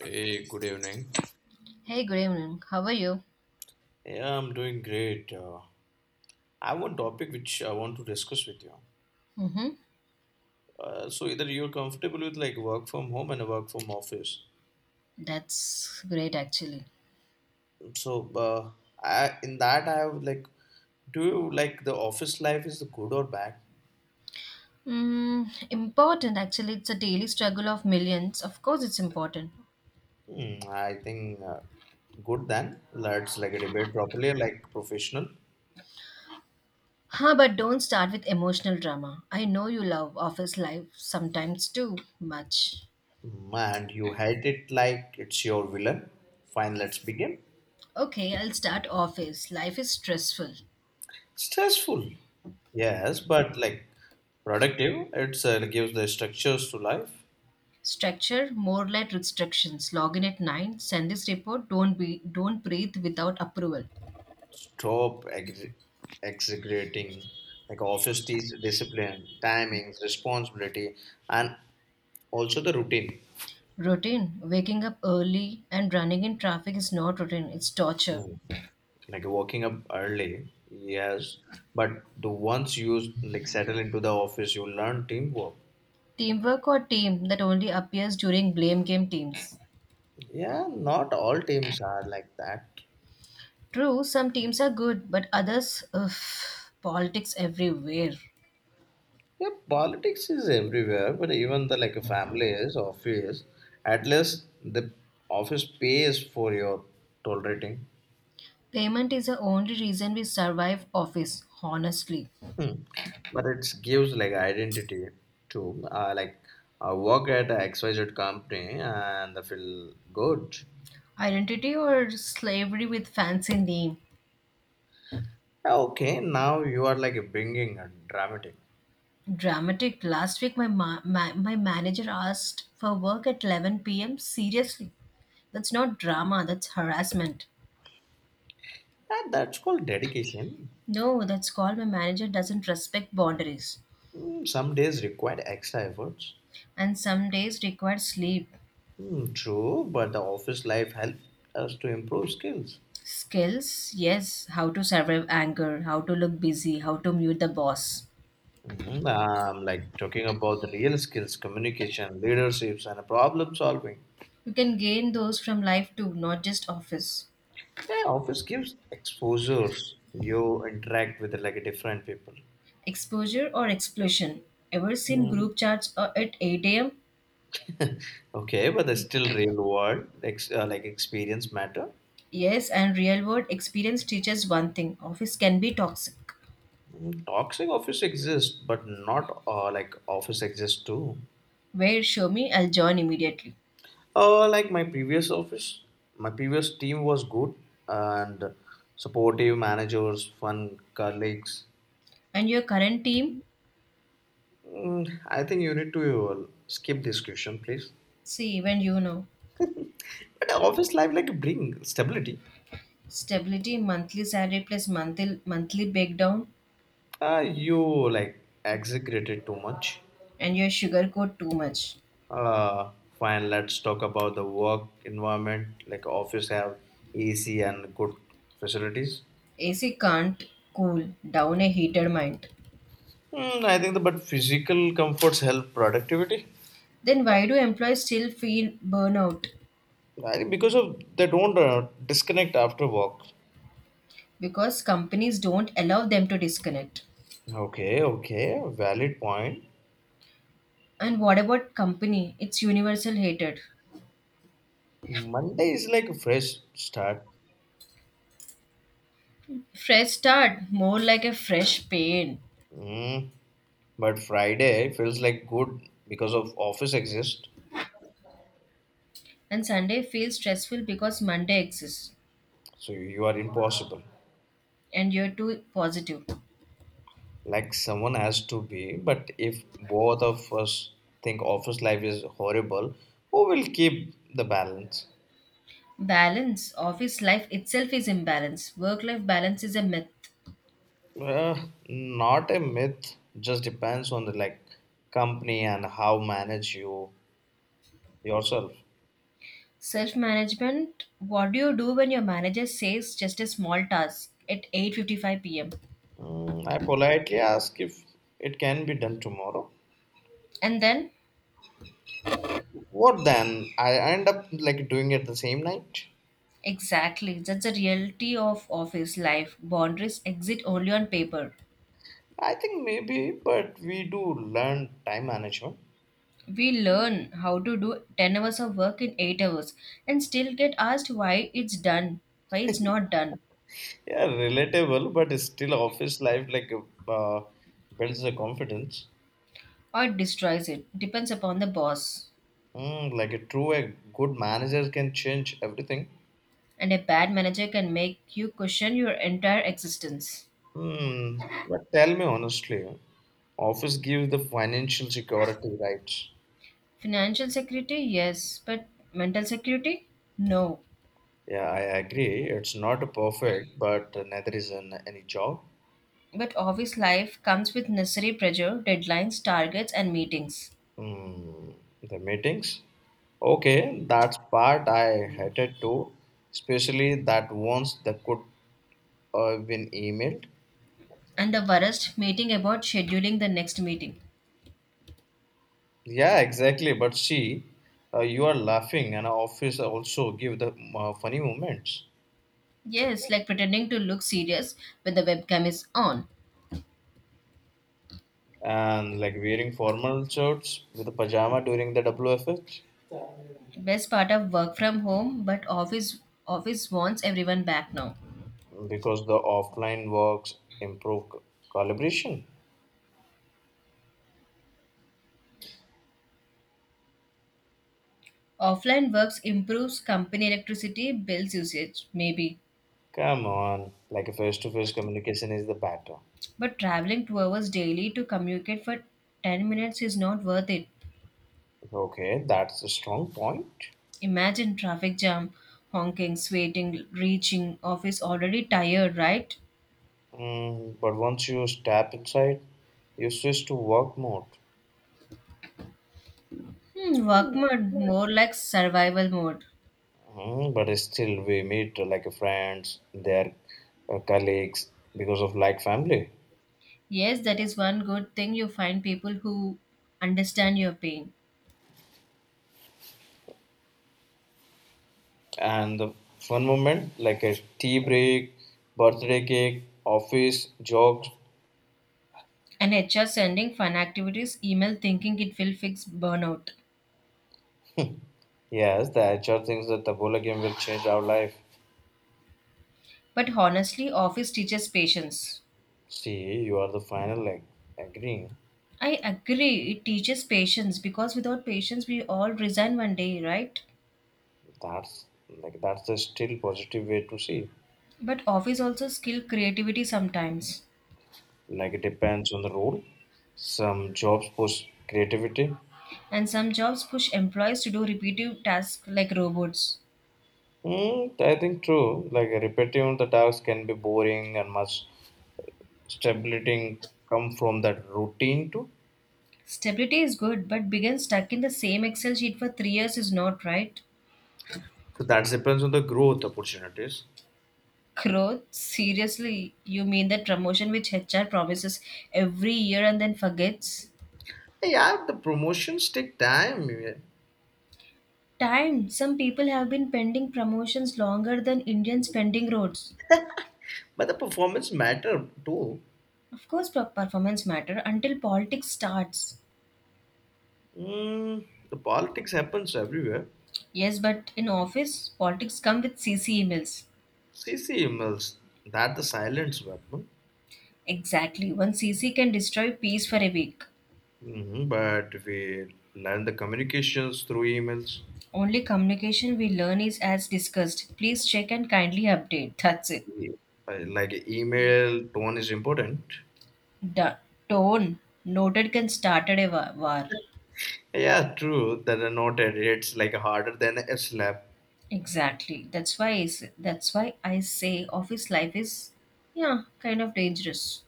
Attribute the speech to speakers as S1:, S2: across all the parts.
S1: Hey, good evening.
S2: Hey, good evening. How are you?
S1: Yeah, I'm doing great. I have one topic which I want to discuss with you.
S2: Mm-hmm.
S1: So either you're comfortable with like work from home and work from office.
S2: That's great, actually.
S1: So I, in that I have like, do you like the office life is good or bad?
S2: Important, actually. It's a daily struggle of millions. Of course, it's important.
S1: Hmm, I think Good then. Let's like debate properly like professional.
S2: Huh, but don't start with emotional drama. I know you love office life sometimes too much.
S1: Hmm, and you hate it like it's your villain. Fine, let's begin.
S2: Okay, I'll start office. Life is stressful.
S1: Stressful, yes, but like productive. It's gives the structures to life.
S2: Structure, more like restrictions. Log in at 9, send this report, don't breathe without approval.
S1: Stop exaggerating like office teach discipline, timings, responsibility, and also the routine.
S2: Routine, waking up early and running in traffic is not routine, it's torture.
S1: Mm. Like waking up early, yes, but the once you like settle into the office, you learn teamwork.
S2: Teamwork or team that only appears during blame game teams.
S1: Yeah, not all teams are like that.
S2: True, some teams are good, but others, ugh, politics everywhere.
S1: Yeah, politics is everywhere, but even the like a family is office. At least the office pays for your toll rating.
S2: Payment is the only reason we survive office, honestly.
S1: Hmm. But it gives like identity to like I work at a XYZ company and I feel good.
S2: Identity or slavery with fancy name.
S1: Yeah, okay, now you are like bringing a dramatic.
S2: Dramatic. Last week, my, ma- my manager asked for work at 11 pm. Seriously, that's not drama, that's harassment.
S1: Ah, that's called dedication.
S2: No, that's called my manager doesn't respect boundaries
S1: Hmm, some days require extra efforts.
S2: and some days require sleep.
S1: Hmm, true, but the office life helps us to improve skills.
S2: Skills, yes, how to survive anger, how to look busy, how to mute the boss.
S1: Mhm. Like talking about the real skills, communication, leaderships, and problem solving.
S2: You can gain those from life too, not just office.
S1: Yeah, office gives exposures. You interact with like different people.
S2: Exposure or explosion. Ever seen
S1: Mm.
S2: group chats at 8 a.m.?
S1: Okay, but there's still real world ex like experience matter.
S2: Yes, and real world experience teaches one thing office can be toxic.
S1: Mm, toxic office exists, but not like office exists too.
S2: Where show me, I'll join immediately.
S1: Like my previous office, my previous team was good and supportive managers, fun colleagues.
S2: And your current team?
S1: Mm, I think you need to skip this question, please.
S2: See, even you know.
S1: But office life like bring stability.
S2: Stability, monthly salary plus monthly breakdown,
S1: You like exaggerated too much.
S2: and your sugarcoat too much.
S1: Uh, Fine, let's talk about the work environment. Like office have AC and good facilities.
S2: AC can't cool down a heated mind.
S1: Hmm. I think the, but physical comforts help productivity.
S2: Then why do employees still feel burnout?
S1: I think because of they don't disconnect after work.
S2: Because companies don't allow them to disconnect.
S1: Okay, okay, valid point.
S2: And what about company? It's universal hated.
S1: Monday is like a fresh start.
S2: Fresh start, more like a fresh pain.
S1: Mm. But Friday feels like good because of office exists,
S2: And Sunday feels stressful because Monday exists
S1: so you are impossible.
S2: and you're too positive.
S1: Like someone has to be, but if both of us think office life is horrible, who will keep the balance?
S2: Balance, office life itself is imbalance. Work life balance is a myth.
S1: Not a myth, just depends on the like company and how manage you yourself.
S2: Self management, what do you do when your manager says just a small task at 8:55 p.m.?
S1: Mm, I politely ask if it can be done tomorrow.
S2: And then
S1: What then? I end up like doing it the same night.
S2: exactly, that's the reality of office life. Boundaries exist only on paper.
S1: I think maybe, but we do learn time management.
S2: We learn how to do 10 hours of work in 8 hours and still get asked why it's done, why it's not done,
S1: Yeah, relatable, but it's still office life like uh, builds the confidence.
S2: or it destroys it. Depends upon the boss.
S1: Mm, like a true, a good manager can change everything.
S2: And a bad manager can make you question your entire existence.
S1: Hmm. But tell me honestly, office gives the financial security, right?
S2: Financial security, yes, but mental security, no.
S1: Yeah, I agree. It's not perfect, but neither is an, any job.
S2: But office life comes with necessary pressure, deadlines, targets, and meetings.
S1: Mm, the meetings? Okay, that's part I hated too, especially that once that could have been emailed.
S2: And the worst, meeting about scheduling the next meeting.
S1: Yeah, exactly. But see, you are laughing, and our office also give the funny moments
S2: Yes, like pretending to look serious when the webcam is on.
S1: and like wearing formal shirts with a pajama during the WFH
S2: Best part of work from home, but office wants everyone back now.
S1: because the offline works improve collaboration.
S2: Offline works improves company electricity bills usage, maybe.
S1: Come on, like a face-to-face communication is the better.
S2: But traveling 2 hours daily to communicate for 10 minutes is not worth it.
S1: Okay, that's a strong point.
S2: Imagine traffic jam, honking, sweating, reaching office already tired, right?
S1: Mm, but once you step inside, you switch to work mode.
S2: Work mode, more like survival mode.
S1: Mm, but still, we meet like friends, their colleagues because of like family.
S2: Yes, that is one good thing you find people who understand your pain.
S1: And the fun moment, like a tea break, birthday cake, office, jobs.
S2: And HR sending fun activities email thinking it will fix burnout.
S1: Yes, the HR thinks that the bola game will change our life.
S2: But honestly, office teaches patience.
S1: See, you are the final like agreeing.
S2: I agree, it teaches patience because without patience, we all resign one day, right?
S1: That's like that's the still positive way to see.
S2: But office also skill creativity sometimes.
S1: Like it depends on the role. Some jobs push creativity.
S2: And some jobs push employees to do repetitive tasks like robots.
S1: Mm, I think true. Like repetitive the tasks can be boring and much stability come from that routine too.
S2: Stability is good, but being stuck in the same Excel sheet for 3 years is not right.
S1: So that depends on the growth opportunities.
S2: Growth? Seriously, you mean that promotion which HR promises every year and then forgets?
S1: Hey, yeah, the promotions take time, yeah.
S2: Time. Some people have been pending promotions longer than Indians pending roads.
S1: But the performance matter too.
S2: Of course, performance matter until politics starts.
S1: Mm, the politics happens everywhere.
S2: Yes, but in office, politics come with CC emails.
S1: CC emails, that the silence weapon.
S2: Exactly. One CC can destroy peace for a week.
S1: Hmm, but we learn the communications through emails.
S2: Only communication we learn is as discussed. Please check and kindly update. That's it.
S1: Yeah, like email tone is important.
S2: The tone noted can started a war.
S1: Yeah, true that a note it's like harder than a slap.
S2: Exactly. That's why I say, office life is, yeah, kind of dangerous.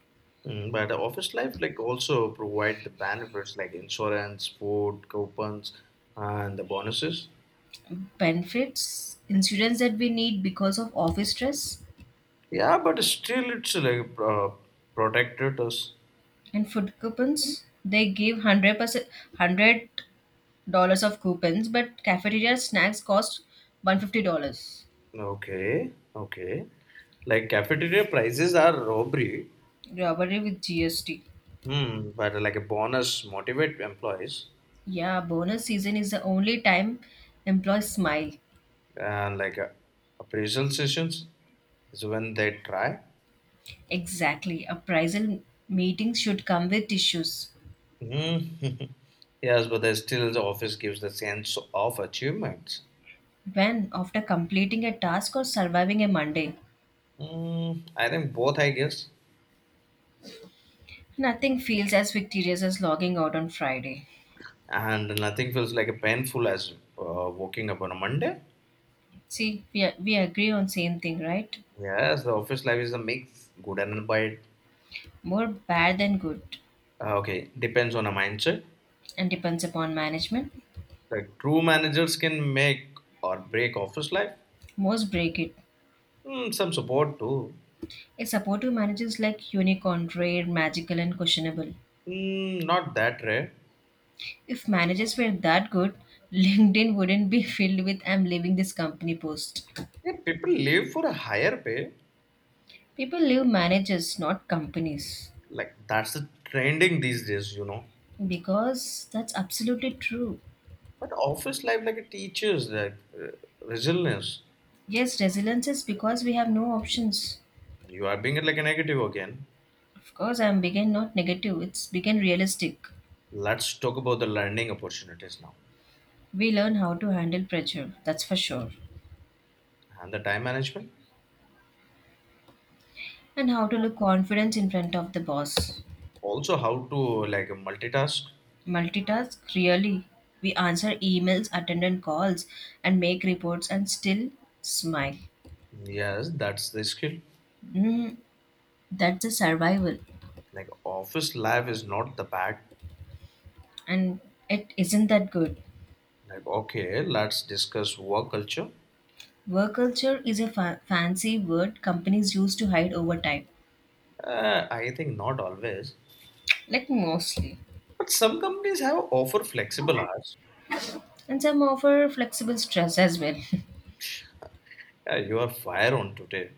S1: Mm, but office life like also provide the benefits like insurance, food, coupons, and the bonuses.
S2: Benefits, insurance that we need because of office stress,
S1: Yeah, but still it's like protected us.
S2: and food coupons. They give $100 of coupons, but cafeteria snacks cost $150.
S1: Okay, okay. Like cafeteria prices are robbery.
S2: Robbery with GST.
S1: Hmm, but like a bonus motivate employees.
S2: Yeah, bonus season is the only time employees smile.
S1: And like appraisal sessions is when they try.
S2: Exactly. Appraisal meetings should come with tissues.
S1: Mm. Yes, but they still the office gives the sense of achievements.
S2: When, after completing a task or surviving a Monday,
S1: Mm, I think both, I guess,
S2: nothing feels as victorious as logging out on Friday.
S1: and nothing feels like a painful as waking up on a Monday.
S2: See, we agree on same thing, right?
S1: Yes, the office life is a mix, good and bad.
S2: More bad than good
S1: Okay, depends on a mindset.
S2: and depends upon management.
S1: Like true managers can make or break office life.
S2: Most break it.
S1: Mm, some support too.
S2: A supportive manager is like unicorn, rare, magical and questionable.
S1: Mm, not that rare.
S2: If managers were that good, LinkedIn wouldn't be filled with I'm leaving this company post.
S1: Yeah, people live for a higher pay,
S2: People leave managers, not companies.
S1: like that's the trending these days you know
S2: Because that's absolutely true.
S1: but office life like it teaches that uh, resilience.
S2: Yes, resilience is because we have no options.
S1: You are being like a negative again.
S2: Of course, I'm begin not negative, it's begin realistic.
S1: Let's talk about the learning opportunities now
S2: We learn how to handle pressure, that's for sure,
S1: and the time management,
S2: and how to look confident in front of the boss.
S1: also how to like multitask.
S2: Multitask, really. We answer emails, attend on calls, and make reports and still smile.
S1: Yes, that's the skill.
S2: Mm, that's a survival
S1: Like office life is not the bad.
S2: and it isn't that good.
S1: Like okay, let's discuss work culture.
S2: Work culture is a fancy word companies use to hide overtime,
S1: I think not always,
S2: like mostly,
S1: but some companies have offer flexible hours.
S2: and some offer flexible stress as well.
S1: Yeah, you are fire on today.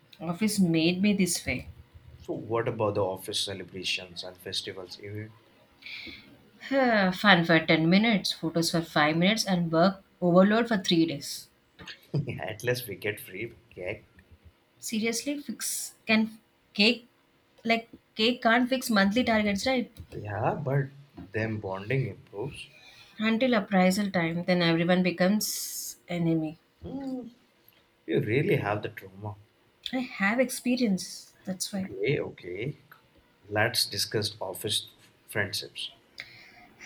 S2: Office made me this way.
S1: So what about the office celebrations and festivals? Even—
S2: Huh, fun for 10 minutes, photos for 5 minutes, and work overload for 3 days.
S1: At least we get free cake.
S2: Seriously, fix can cake like cake can't fix monthly targets, right?
S1: Yeah, but them bonding improves.
S2: Until appraisal time, then everyone becomes enemy.
S1: Hmm, you really have the trauma.
S2: I have experience, that's why.
S1: Okay, okay. Let's discuss office friendships.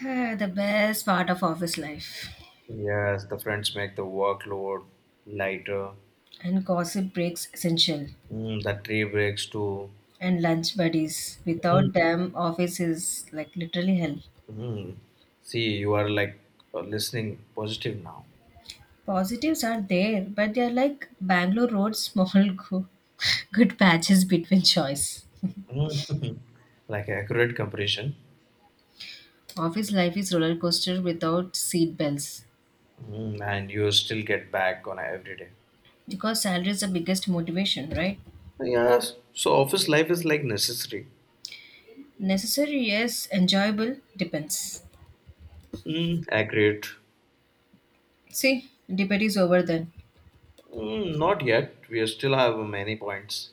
S2: Ah, the best part of office life.
S1: Yes, the friends make the workload lighter.
S2: And gossip breaks essential.
S1: Mm, the tree breaks too.
S2: And lunch buddies.
S1: Mm,
S2: Without them, office is like literally hell.
S1: mm. See, you are like listening positive now.
S2: Positives are there, but they are like Bangalore Road small, go- good patches between choice.
S1: Mm. Like accurate comparison.
S2: Office life is roller coaster without seat bells.
S1: Mm, and you still get back on every day.
S2: Because salary is the biggest motivation, right?
S1: Yes, so office life is like necessary.
S2: Necessary, yes. Enjoyable, depends.
S1: Mm, accurate.
S2: See, debate is over then.
S1: Mm, not yet. We still have many points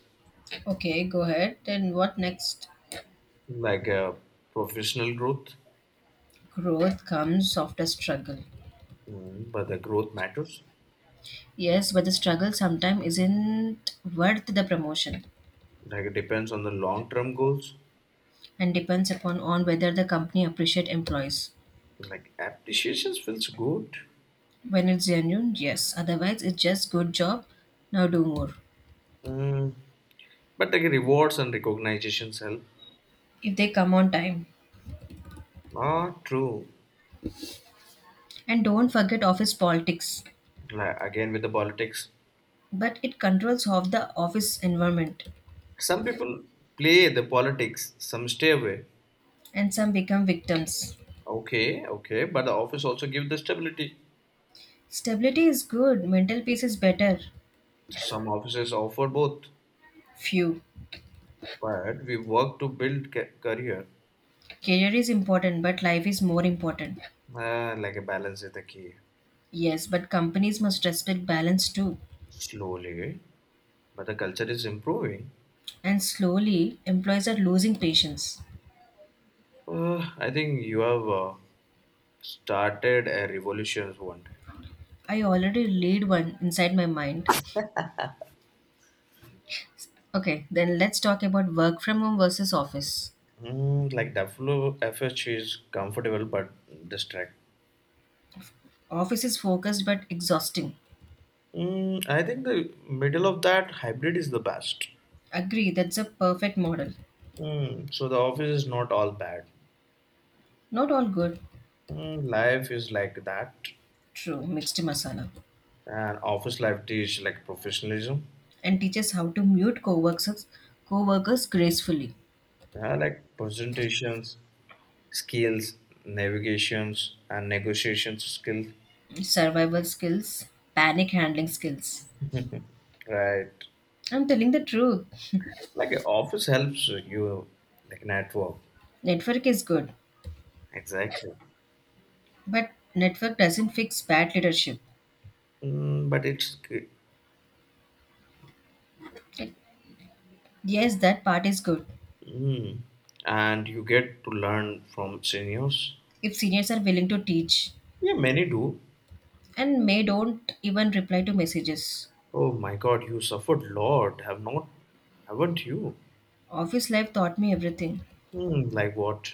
S2: Okay, go ahead. Then what next?
S1: like professional growth.
S2: Growth comes after struggle.
S1: Mm, but the growth matters.
S2: Yes, but the struggle sometimes isn't worth the promotion
S1: Like it depends on the long-term goals.
S2: and depends upon on whether the company appreciate employees.
S1: Like appreciations feels good,
S2: When it's genuine, yes. Otherwise, it's just good job. Now do more.
S1: mm, but like rewards and recognitions help.
S2: If they come on time.
S1: Ah, true.
S2: And don't forget office politics.
S1: Like again with the politics,
S2: But it controls half the office environment
S1: some people play the politics, some stay away.
S2: and some become victims.
S1: Okay, okay, but the office also give the stability.
S2: Stability is good, mental peace is better.
S1: So some offices offer both,
S2: Few.
S1: but we work to build career.
S2: Career is important, but life is more important.
S1: Like a balance is the key.
S2: Yes, but companies must respect balance too.
S1: Slowly, but the culture is improving.
S2: And slowly, employees are losing patience.
S1: I think you have started a revolution one day.
S2: I already lead one inside my mind. Okay, then let's talk about work from home versus office.
S1: Mm, like WFH is comfortable but distract.
S2: Office is focused but exhausting.
S1: Mm, I think the middle of that hybrid is the best.
S2: Agree, that's a perfect model.
S1: Mm, so the office is not all bad.
S2: Not all good.
S1: Mm, life is like that.
S2: True, mixed masala.
S1: And office life teach like professionalism,
S2: And teaches how to mute co-workers gracefully.
S1: like presentations, skills, navigations, and negotiations skill,
S2: Survival skills, panic handling skills.
S1: right?
S2: I'm telling the truth.
S1: Like a office helps you like network,
S2: Network is good,
S1: exactly.
S2: but network doesn't fix bad leadership.
S1: Mm, but it's g-
S2: Like, yes, that part is good.
S1: mm, and you get to learn from seniors.
S2: If seniors are willing to teach
S1: Yeah, many do.
S2: and may don't even reply to messages.
S1: Oh my God, you suffered lot, haven't you?
S2: Office life taught me everything.
S1: Hmm, like what?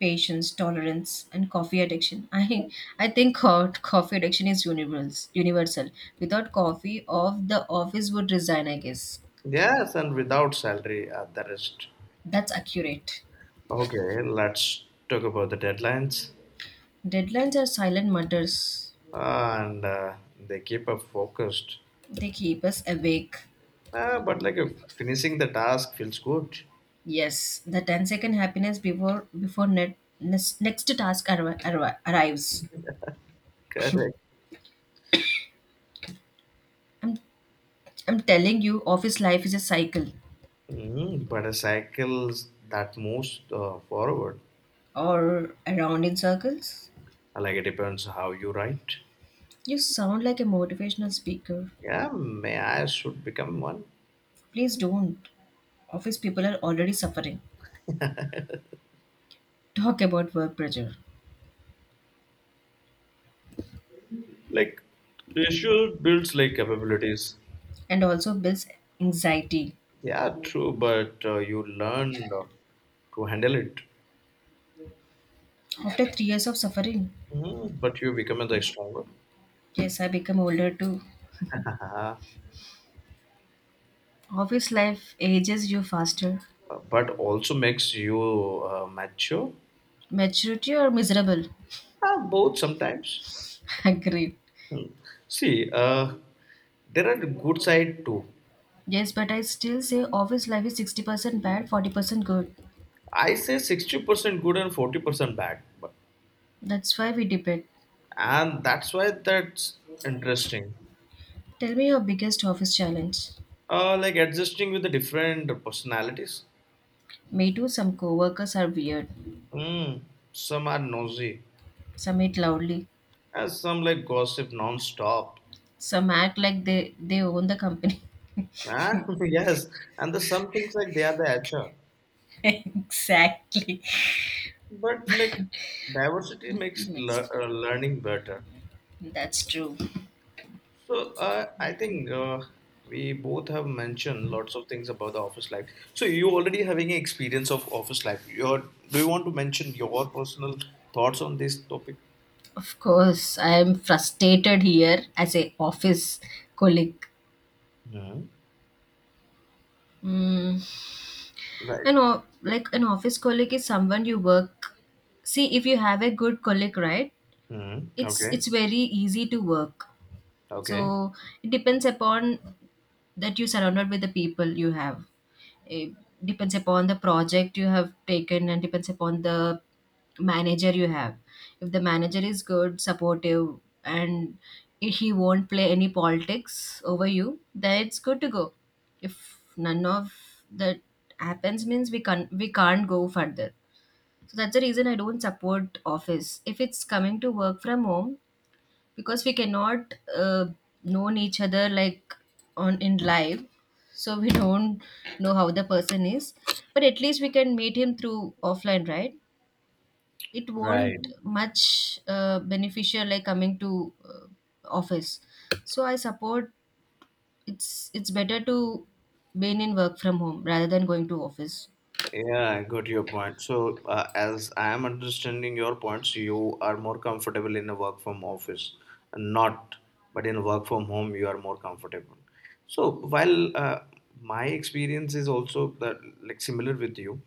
S2: Patience, tolerance, and coffee addiction. I think coffee addiction is universal. Universal. Without coffee, of the office would resign. I guess
S1: Yes, and without salary at the rest.
S2: that's accurate.
S1: Okay, let's talk about the deadlines.
S2: Deadlines are silent mothers.
S1: And they keep up focused.
S2: They keep us awake.
S1: But like finishing the task feels good.
S2: Yes, the ten-second happiness before next task arrives.
S1: Correct.
S2: I'm I'm telling you, office life is a cycle
S1: Mhm, but a cycle that moves forward,
S2: or around in circles.
S1: like it depends how you write.
S2: You sound like a motivational speaker.
S1: Yeah, may I should become one.
S2: Please don't. Office people are already suffering. Talk about work pressure
S1: Like pressure builds like capabilities.
S2: and also builds anxiety.
S1: Yeah, true, but you learn to handle it.
S2: After 3 years of suffering,
S1: Mhm, but you become like stronger.
S2: yes, I become older too. Office life ages you faster.
S1: But also makes you mature.
S2: Maturity or miserable?
S1: Both sometimes.
S2: Agree.
S1: Hmm. See, there are good side too.
S2: Yes, but I still say office life is 60% bad, 40% good.
S1: I say 60% good and 40% bad, but,
S2: That's why we debate.
S1: and that's why that's interesting.
S2: Tell me your biggest office challenge.
S1: Like adjusting with the different personalities.
S2: Me too, some coworkers are weird.
S1: Hmm. Some are nosy,
S2: Some eat loudly.
S1: and some like gossip non-stop.
S2: Some act like they own the company.
S1: Ah, yes, and the some things like they are the HR,
S2: Exactly.
S1: but like diversity
S2: It
S1: makes
S2: makes
S1: learning better.
S2: That's true.
S1: So I think we both have mentioned lots of things about the office life. So you already having an experience of office life. Your do you want to mention your personal thoughts on this topic?
S2: Of course, I am frustrated here as a office colleague.
S1: Hmm. Right.
S2: And like an office colleague is someone you work. See, if you have a good colleague, right?
S1: Hmm.
S2: It's
S1: Okay.
S2: very easy to work.
S1: Okay.
S2: So it depends upon that you surrounded with the people you have. It depends upon the project you have taken and depends upon the manager you have. If the manager is good, supportive, and he won't play any politics over you, then it's good to go. If none of that happens, means we can't go further. So that's the reason I don't support office. If it's coming to work from home, because we cannot known each other like on in live, so we don't know how the person is, but at least we can meet him through offline, right? It
S1: Right.
S2: won't much beneficial like coming to office, so I support it's better to being in work from home rather than going to office.
S1: Yeah, I got your point. So, as I am understanding your points, you are more comfortable in a work from office, not, but in work from home, you are more comfortable. So, while my experience is also that, like similar with you,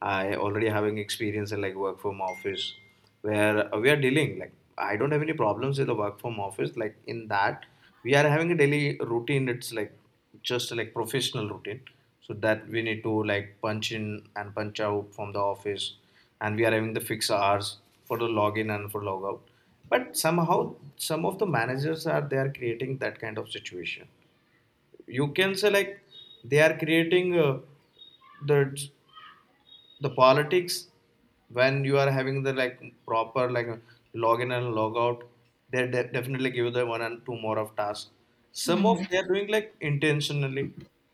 S1: I already having experience in like work from office, where we are dealing like I don't have any problems with the work from office. Like in that, we are having a daily routine. It's like just like professional routine, so that we need to like punch in and punch out from the office, and we are having the fixed hours for the login and for logout. But somehow some of the managers are they are creating that kind of situation, you can say, like they are creating the the politics. When you are having the like proper like login and log out, they definitely give you the one and two more of tasks. Some of they are doing like intentionally,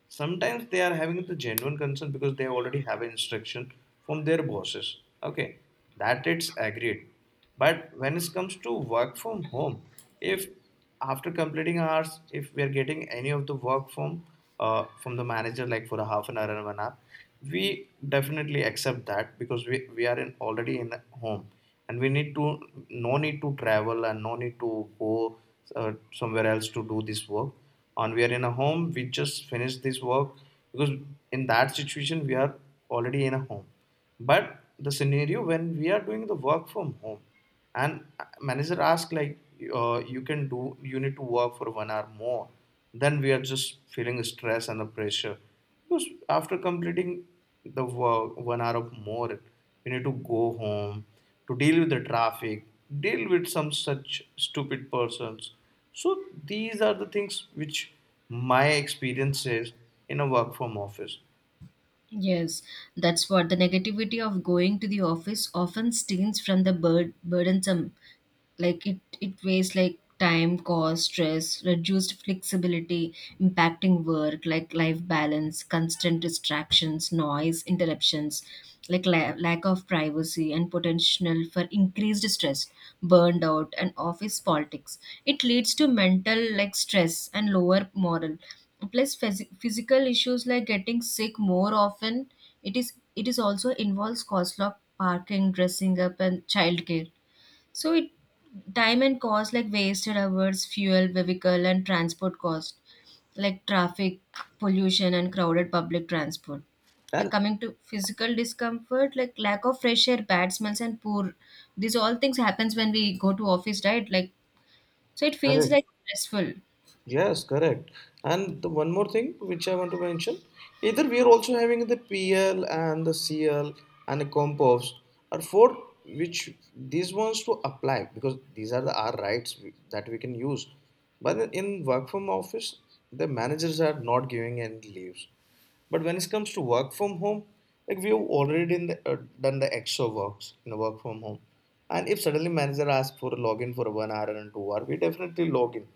S1: sometimes they are having the genuine concern because they already have an instruction from their bosses, okay, that it's agreed. But when it comes to work from home, if after completing hours if we are getting any of the work from the manager like for a half an hour and 1 hour, we definitely accept that because we are in already in the home, and we need to no need to travel and no need to go somewhere else to do this work, and we are in a home, we just finish this work. Because in that situation we are already in a home. But the scenario, when we are doing the work from home and manager asked like, you can do you need to work for 1 hour more, then we are just feeling stress and the pressure. Because after completing the work 1 hour of more, we need to go home, to deal with the traffic, deal with some such stupid persons. So these are the things which my experience is in a work from office.
S2: Yes, that's what the negativity of going to the office often stems from the burdensome. Like it weighs like time, cost, stress, reduced flexibility, impacting work, like life balance, constant distractions, noise, interruptions, like lack of privacy and potential for increased stress, burned out, and office politics. It leads to mental stress and lower moral plus physical issues like getting sick more often. It is it is also involves cost of parking, dressing up, and childcare. So it Time and cost, like wasted hours, fuel, vehicle and transport cost, like traffic pollution and crowded public transport, like
S1: And
S2: coming to physical discomfort like lack of fresh air, bad smells, and poor. These all things happens when we go to office, right? It feels
S1: correct.
S2: like stressful.
S1: Yes, correct. And the one more thing which I want to mention, either we are also having the PL and the CL and the compost are for, which these ones to apply, because these are the our rights that we can use. But in work from office, the managers are not giving any leaves. But when it comes to work from home, like we have already done the extra works in work from home. And if suddenly manager asks for a login for 1 hour and 2 hours, we definitely log in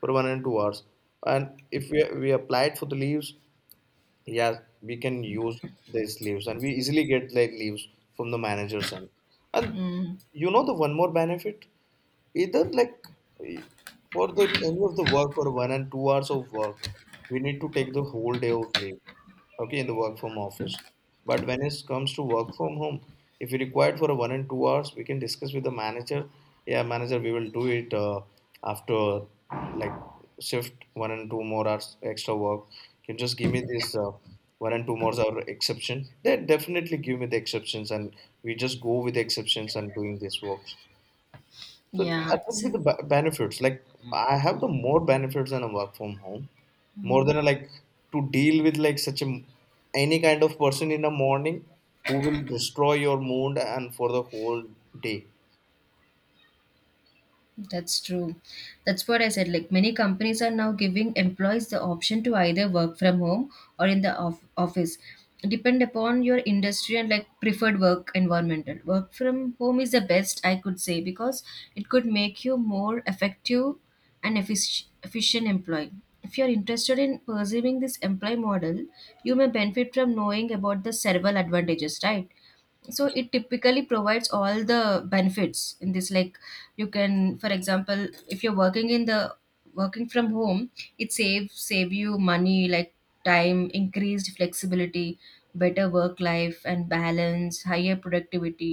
S1: for 1 and 2 hours. And if we applied for the leaves, yeah, we can use these leaves, and we easily get like leaves from the manager's end. And
S2: Hmm.
S1: you know the one more benefit? Either like eh, for the any of the work for 1 and 2 hours of work, we need to take the whole day of leave, okay, in the work from office. But when it comes to work from home, if we required for a 1 and 2 hours, we can discuss with the manager, yeah, manager, we will do it after like shift one and two more hours extra work. Can you just give me this one and two more hour exception? They definitely give me the exceptions, and we just go with the exceptions and doing this work. So
S2: yeah
S1: that would
S2: so
S1: be the benefits. Like I have the more benefits than a work from home, more than a, like to deal with like such a any kind of person in the morning, who will destroy your mood and for the whole day.
S2: That's true. That's what I said. Like many companies are now giving employees the option to either work from home or in the office, depend upon your industry and like preferred work environmental. Work from home is the best I could say because it could make you more effective and efficient employee. If you're interested in pursuing this employee model, you may benefit from knowing about the several advantages, right? So it typically provides all the benefits in this. Like you can, for example, if you're working in the working from home, it save you money, like time, increased flexibility, better work life and balance, higher productivity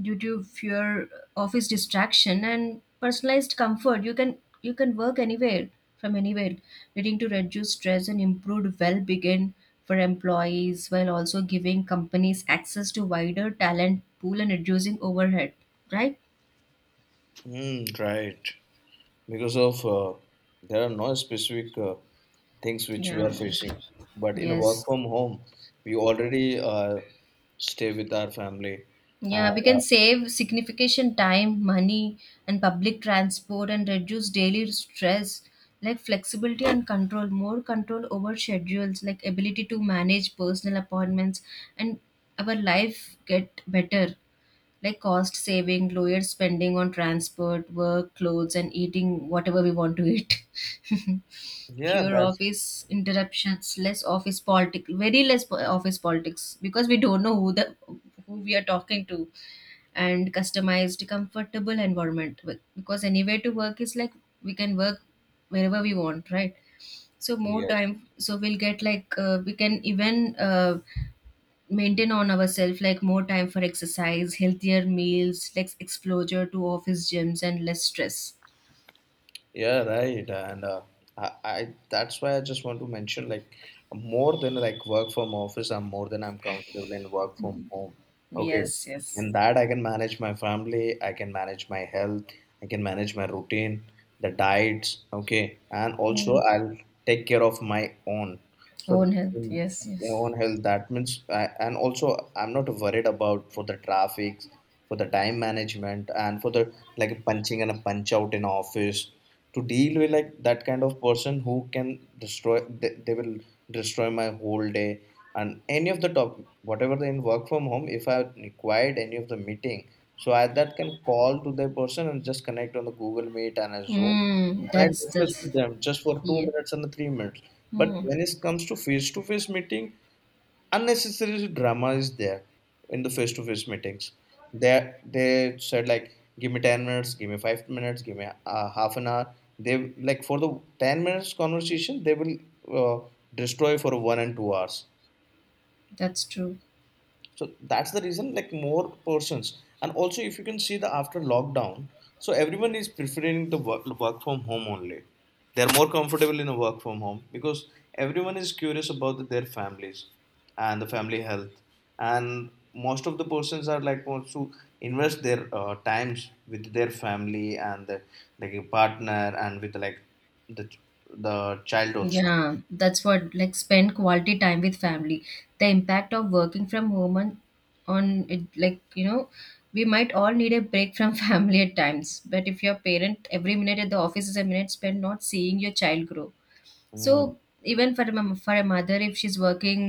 S2: due to fear, office distraction, and personalized comfort. You can work anywhere, from anywhere, leading to reduced stress and improved well-being for employees, while also giving companies access to wider talent pool and reducing overhead. Right?
S1: Mm, right. Because of there are no specific things which we
S2: Yeah.
S1: are facing, but in a work
S2: Yes.
S1: from home, we already stay with our family,
S2: Yeah, we
S1: and
S2: can save significant time, money, and public transport and reduce daily stress. Like flexibility and control, more control over schedules, like ability to manage personal appointments, and our life get better, like cost saving, lower spending on transport, work, clothes, and eating whatever we want to eat.
S1: yeah,
S2: Fewer
S1: that's
S2: office interruptions, less office politics, very less office politics, because we don't know who the who we are talking to, and customized, comfortable environment. Because anywhere to work is like we can work wherever we want, right? So more
S1: yes.
S2: time, so we'll get like we can even. Maintain on ourselves, like more time for exercise, healthier meals, less exposure to office gyms and less stress.
S1: Yeah, right. And I that's why I just want to mention, like more than like work from office, I'm more than I'm comfortable in work from home. Okay.
S2: Yes, yes.
S1: In that I can manage my family, I can manage my health, I can manage my routine, the diets, okay. And also
S2: Mm.
S1: I'll take care of my own. So
S2: Own health,
S1: in
S2: yes,
S1: your
S2: yes.
S1: own health, that means I, and also I'm not worried about for the traffic, for the time management and for the like punching and a punch out in office, to deal with like that kind of person who can destroy, they will destroy my whole day. And any of the top whatever they in work from home, if I required any of the meeting, so I that can call to the person and just connect on the Google Meet and a Zoom, and I
S2: That's
S1: discuss
S2: that's.
S1: with them just for two
S2: Yeah.
S1: minutes and 3 minutes. But
S2: Mm.
S1: when it comes to face meeting, unnecessary drama is there in the face to face meetings. They said like, give me 10 minutes, give me 5 minutes, give me half an hour. They like for the 10 minutes conversation, they will uh, destroy for 1 and 2 hours.
S2: That's true.
S1: So that's the reason like more persons. And also if you can see the after lockdown, so everyone is preferring the work from home only. They're more comfortable in a work from home, because everyone is curious about their families and the family health. And most of the persons are like wants to invest their times with their family and the, like a partner and with like the the child also.
S2: Yeah, that's what, like spend quality time with family, the impact of working from home on it, like. We might all need a break from family at times, but if your parent, every minute at the office is a minute spent not seeing your child grow. So,
S1: Mm.
S2: even for a, for a mother, if she's working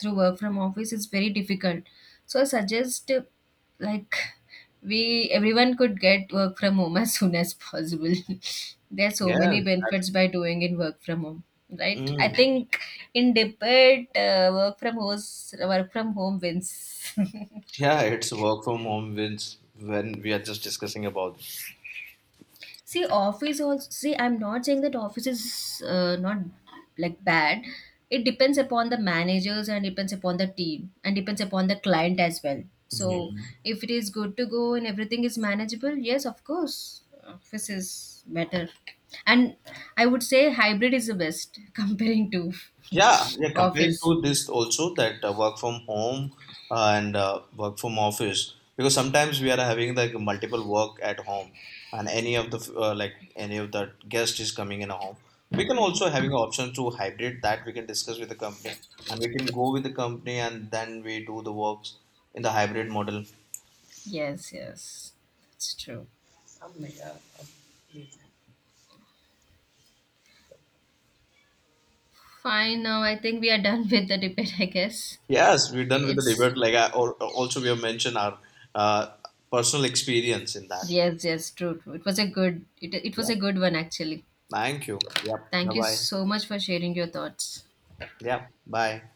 S2: through work from office, it's very difficult. So I suggest like we, everyone could get work from home as soon as possible. There's so
S1: Yes,
S2: many
S1: that's
S2: benefits by doing in work from home, right? I
S1: mm.
S2: think in debate, work from home wins.
S1: Yeah, it's work from home wins when we are just discussing about this.
S2: See, office also. See, I'm not saying that office is not like bad. It depends upon the managers and depends upon the team and depends upon the client as well. So,
S1: Mhm.
S2: if it is good to go and everything is manageable, yes, of course, office is better. And I would say hybrid is the best comparing to
S1: Yeah, yeah, comparing
S2: office.
S1: to this also that work from home and work from office, because sometimes we are having like multiple work at home, and any of the like any of the guest is coming in a home. We can also having an option to hybrid, that we can discuss with the company and we can go with the company and then we do the works in the hybrid model.
S2: Yes, yes, it's true. Fine. Now I think we are done with the debate. I guess
S1: Yes, we're done with the debate.
S2: it's.
S1: Like I al- also we have mentioned our uh, personal experience in that.
S2: Yes, yes, true, true. It was a good it was
S1: Yeah.
S2: a good one actually.
S1: Thank you. Yep. Bye
S2: Thank you
S1: bye.
S2: so much for sharing your thoughts.
S1: Yep. Bye.